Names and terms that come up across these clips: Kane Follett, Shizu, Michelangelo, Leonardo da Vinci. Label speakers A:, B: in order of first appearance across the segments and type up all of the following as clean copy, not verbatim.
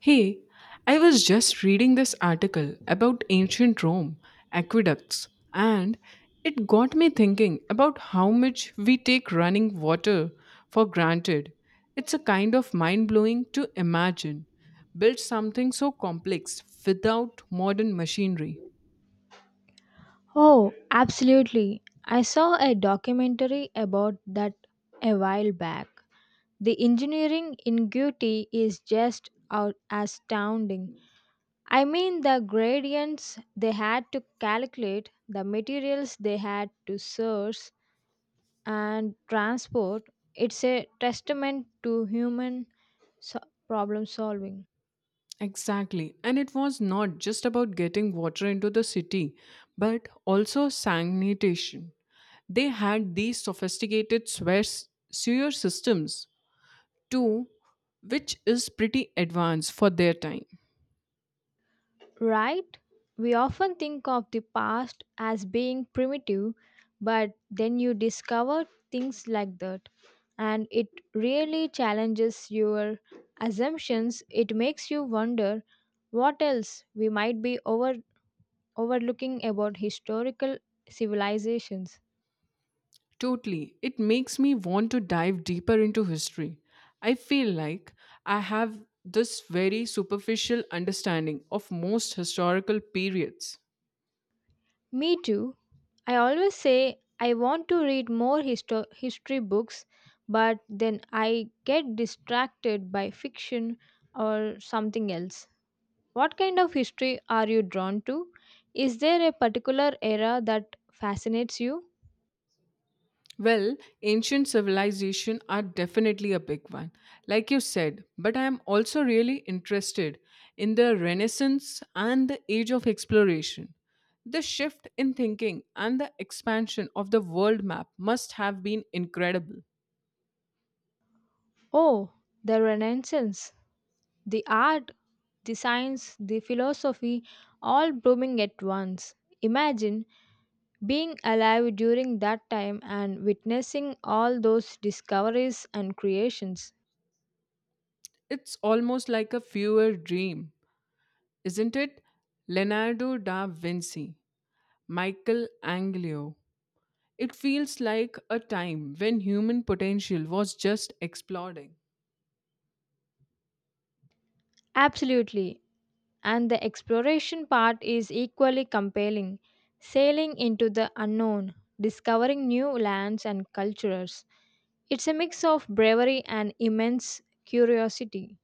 A: Hey, I was just reading this article about ancient Rome, aqueducts, and it got me thinking about how much we take running water for granted. It's a kind of mind blowing to imagine. Build something so complex without modern machinery.
B: Oh, absolutely. I saw a documentary about that a while back. The engineering ingenuity is just out astounding. I mean, the gradients they had to calculate, the materials they had to source and transport. It's a testament to human problem solving.
A: Exactly. And it was not just about getting water into the city, but also sanitation they had these sophisticated swear sewer systems too, which is pretty advanced for their time.
B: Right? We often think of the past as being primitive, but then you discover things like that, and it really challenges your assumptions. It makes you wonder what else we might be overlooking about historical civilizations.
A: Totally. It makes me want to dive deeper into history. I feel like I have this very superficial understanding of most historical periods.
B: Me too. I always say I want to read more history books, but then I get distracted by fiction or something else. What kind of history are you drawn to? Is there a particular era that fascinates you?
A: Well, ancient civilization are definitely a big one, like you said, but I am also really interested in the Renaissance and the Age of Exploration. The shift in thinking and the expansion of the world map must have been incredible.
B: Oh, the Renaissance, the art, the science, the philosophy, all blooming at once. Imagine being alive during that time and witnessing all those discoveries and creations.
A: It's almost like a fewer dream, isn't it? Leonardo da Vinci, Michelangelo. It feels like a time when human potential was just exploding.
B: Absolutely. And the exploration part is equally compelling. Sailing into the unknown, discovering new lands and cultures. It's a mix of bravery and immense curiosity.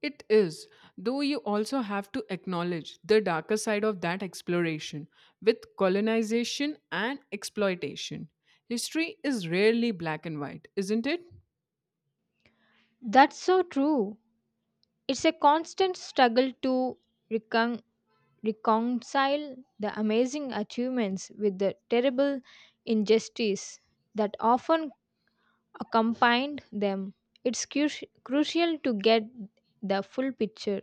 A: It is, though you also have to acknowledge the darker side of that exploration with colonization and exploitation. History is rarely black and white, isn't it?
B: That's so true. It's a constant struggle to recon- reconcile the amazing achievements with the terrible injustice that often accompanied them. It's crucial to get the full picture.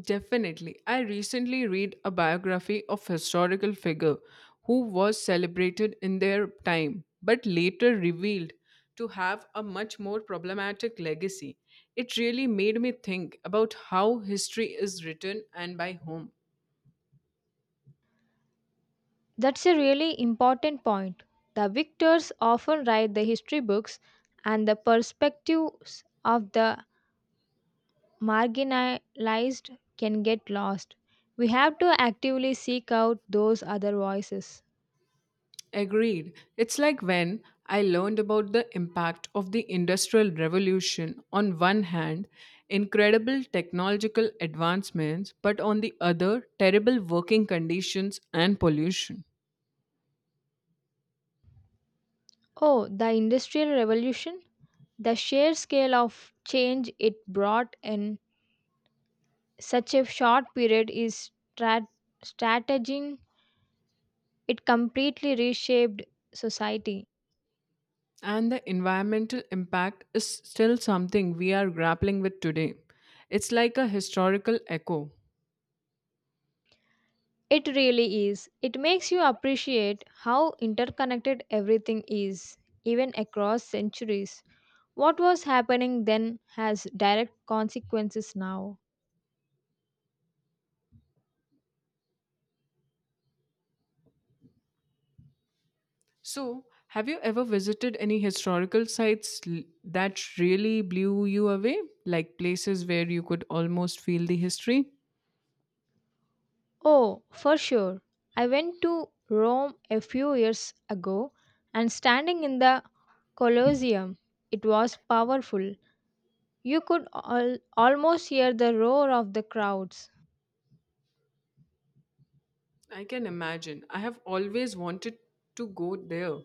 A: Definitely. I recently read a biography of historical figure who was celebrated in their time but later revealed to have a much more problematic legacy. It really made me think about how history is written and by whom.
B: That's a really important point. The victors often write the history books, and the perspectives of the marginalized can get lost. We have to actively seek out those other voices.
A: Agreed. It's like when I learned about the impact of the Industrial Revolution on one hand, incredible technological advancements, but on the other, terrible working conditions and pollution.
B: Oh, the Industrial Revolution? The sheer scale of change it brought in such a short period is strat- strategizing. It completely reshaped society.
A: And the environmental impact is still something we are grappling with today. It's like a historical echo.
B: It really is. It makes you appreciate how interconnected everything is, even across centuries. What was happening then has direct consequences now.
A: So, have you ever visited any historical sites that really blew you away? Like places where you could almost feel the history?
B: Oh, for sure. I went to Rome a few years ago and standing in the Colosseum. It was powerful. You could almost hear the roar of the crowds.
A: I can imagine. I have always wanted to go there.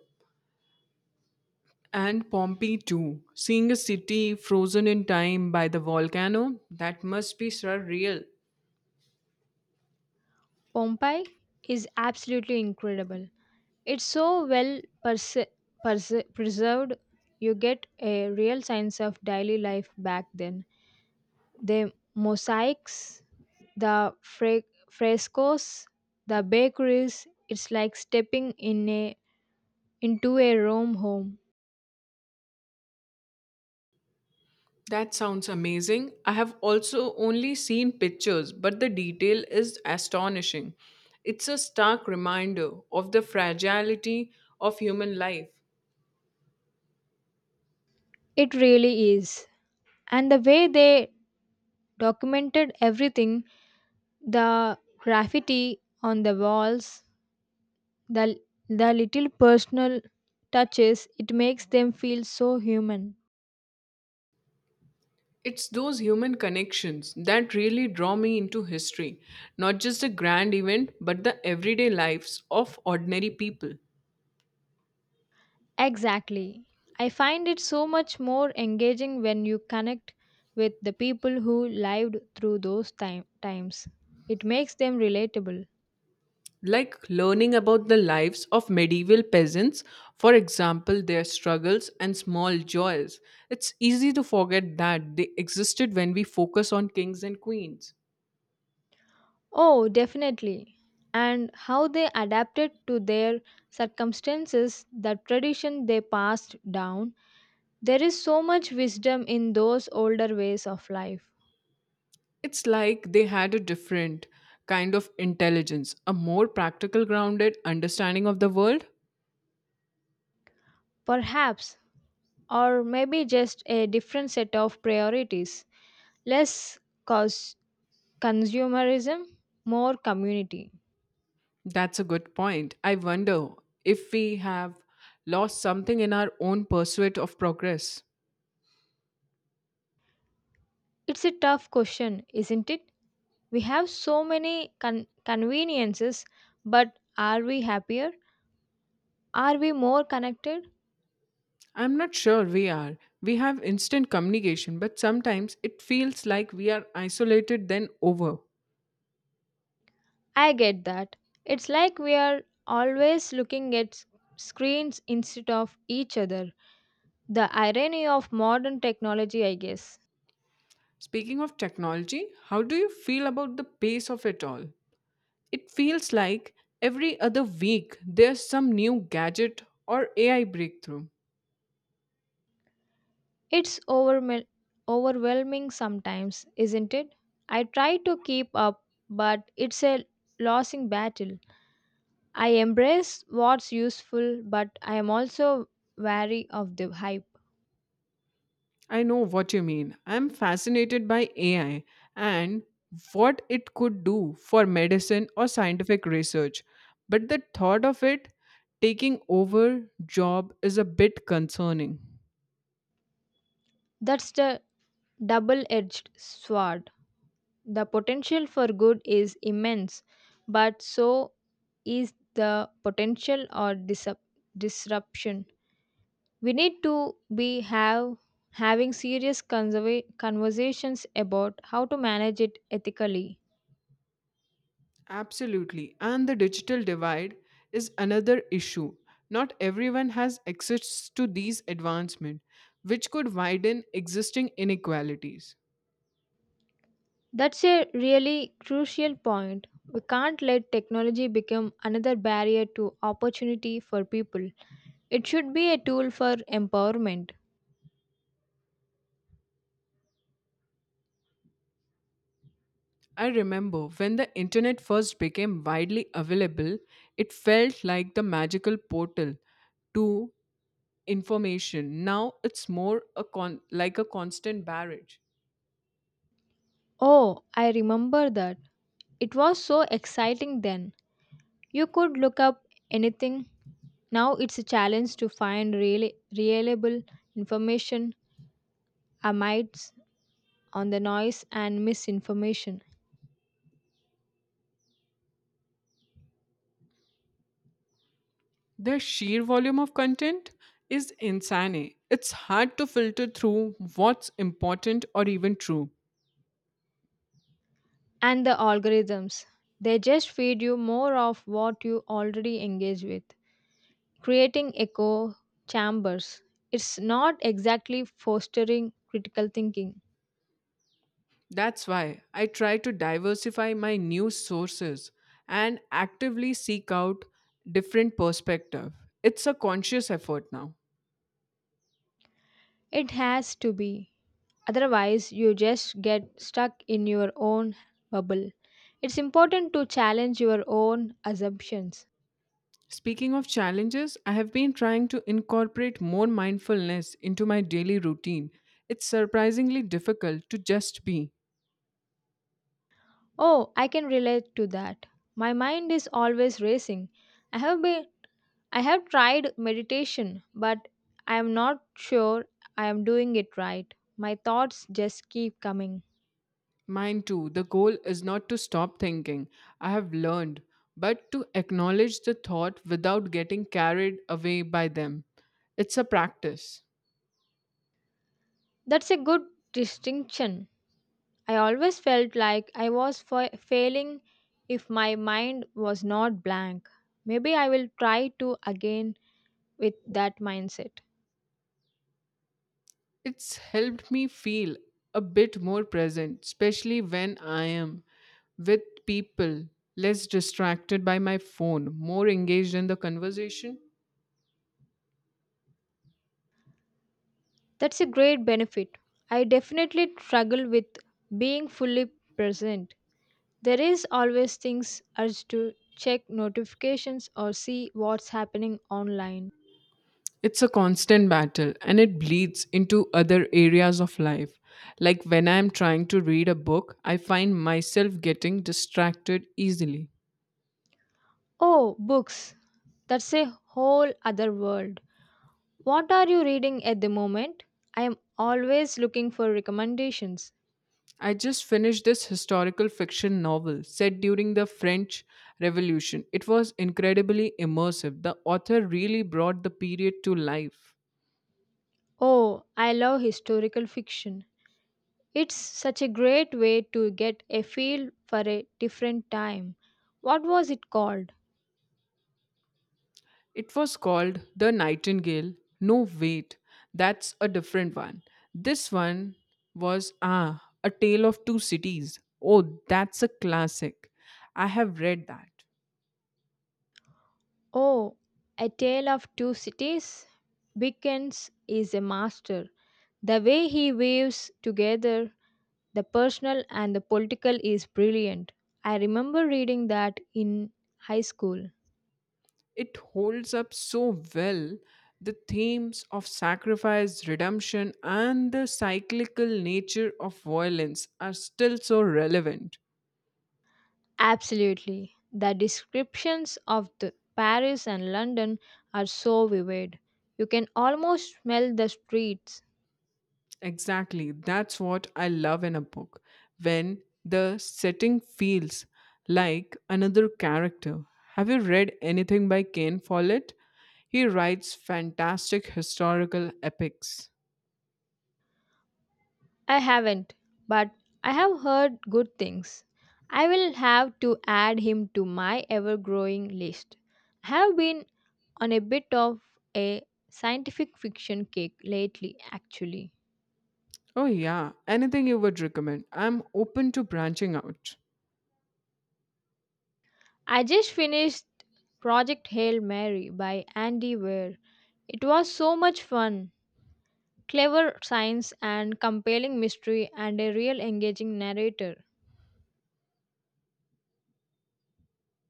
A: And Pompeii too. Seeing a city frozen in time by the volcano, that must be surreal.
B: Pompeii is absolutely incredible. It's so well preserved, you get a real sense of daily life back then. The mosaics, the frescoes, the bakeries, it's like stepping into a Rome home.
A: That sounds amazing. I have also only seen pictures, but the detail is astonishing. It's a stark reminder of the fragility of human life.
B: It really is. And the way they documented everything, the graffiti on the walls, the, the little personal touches. It makes them feel so human.
A: It's those human connections that really draw me into history, not just the grand event, but the everyday lives of ordinary people.
B: Exactly. I find it so much more engaging when you connect with the people who lived through times. It makes them relatable.
A: Like learning about the lives of medieval peasants, for example, their struggles and small joys. It's easy to forget that they existed when we focus on kings and queens.
B: Oh, definitely. And how they adapted to their circumstances, the tradition they passed down, there is so much wisdom in those older ways of life.
A: It's like they had a different kind of intelligence, a more practical, grounded understanding of the world.
B: Perhaps, or maybe just a different set of priorities. Less cause consumerism, more community.
A: That's a good point. I wonder if we have lost something in our own pursuit of progress.
B: It's a tough question, isn't it? We have so many conveniences, but are we happier? Are we more connected?
A: I'm not sure we are. We have instant communication, but sometimes it feels like we are isolated then over.
B: I get that. It's like we are always looking at screens instead of each other. The irony of modern technology, I guess.
A: Speaking of technology, how do you feel about the pace of it all? It feels like every other week there's some new gadget or AI breakthrough.
B: It's overwhelming sometimes, isn't it? I try to keep up, but it's a losing battle. I embrace what's useful, but I am also wary of the hype.
A: I know what you mean. I'm fascinated by AI and what it could do for medicine or scientific research. But the thought of it taking over job is a bit concerning.
B: That's the double edged sword. The potential for good is immense, but so is the potential or disruption. We need to be have having serious conversations about how to manage it ethically.
A: Absolutely. And the digital divide is another issue. Not everyone has access to these advancements, which could widen existing inequalities.
B: That's a really crucial point. We can't let technology become another barrier to opportunity for people. It should be a tool for empowerment.
A: I remember when the internet first became widely available, it felt like the magical portal to information. Now it's more a like a constant barrage.
B: Oh, I remember that. It was so exciting then. You could look up anything. Now it's a challenge to find really reliable information amidst on the noise and misinformation.
A: The sheer volume of content is insane. It's hard to filter through what's important or even true.
B: And the algorithms. They just feed you more of what you already engage with, creating echo chambers. It's not exactly fostering critical thinking.
A: That's why I try to diversify my news sources and actively seek out different perspective. It's a conscious effort now.
B: It has to be. Otherwise, you just get stuck in your own bubble. It's important to challenge your own assumptions.
A: Speaking of challenges, I have been trying to incorporate more mindfulness into my daily routine. It's surprisingly difficult to just be.
B: Oh, I can relate to that. My mind is always racing. I have been I have tried meditation, but I am not sure I am doing it right. My thoughts just keep coming.
A: Mine too, the goal is not to stop thinking, I have learned, but to acknowledge the thought without getting carried away by them. It's a practice.
B: That's a good distinction. I always felt like I was failing if my mind was not blank. Maybe I will try to again with that mindset.
A: It's helped me feel a bit more present, especially when I am with people, less distracted by my phone, more engaged in the conversation.
B: That's a great benefit. I definitely struggle with being fully present. There is always things urge to check notifications or see what's happening online.
A: It's a constant battle and it bleeds into other areas of life. Like when I am trying to read a book, I find myself getting distracted easily.
B: Oh, books. That's a whole other world. What are you reading at the moment? I am always looking for recommendations.
A: I just finished this historical fiction novel set during the French Revolution. It was incredibly immersive. The author really brought the period to life.
B: Oh, I love historical fiction. It's such a great way to get a feel for a different time. What was it called?
A: It was called The Nightingale. No, wait, that's a different one. This one was Ah, A Tale of Two Cities. Oh, that's a classic. I have read that.
B: Oh, A Tale of Two Cities? Dickens is a master. The way he weaves together the personal and the political is brilliant. I remember reading that in high school.
A: It holds up so well. The themes of sacrifice, redemption, and the cyclical nature of violence are still so relevant.
B: Absolutely. The descriptions of the Paris and London are so vivid. You can almost smell the streets.
A: Exactly. That's what I love in a book. When the setting feels like another character. Have you read anything by Kane Follett? He writes fantastic historical epics.
B: I haven't, but I have heard good things. I will have to add him to my ever growing list. I have been on a bit of a scientific fiction kick lately, actually.
A: Oh, yeah. Anything you would recommend? I'm open to branching out.
B: I just finished Project Hail Mary by Andy Weir. It was so much fun, clever science and compelling mystery, and a real engaging narrator.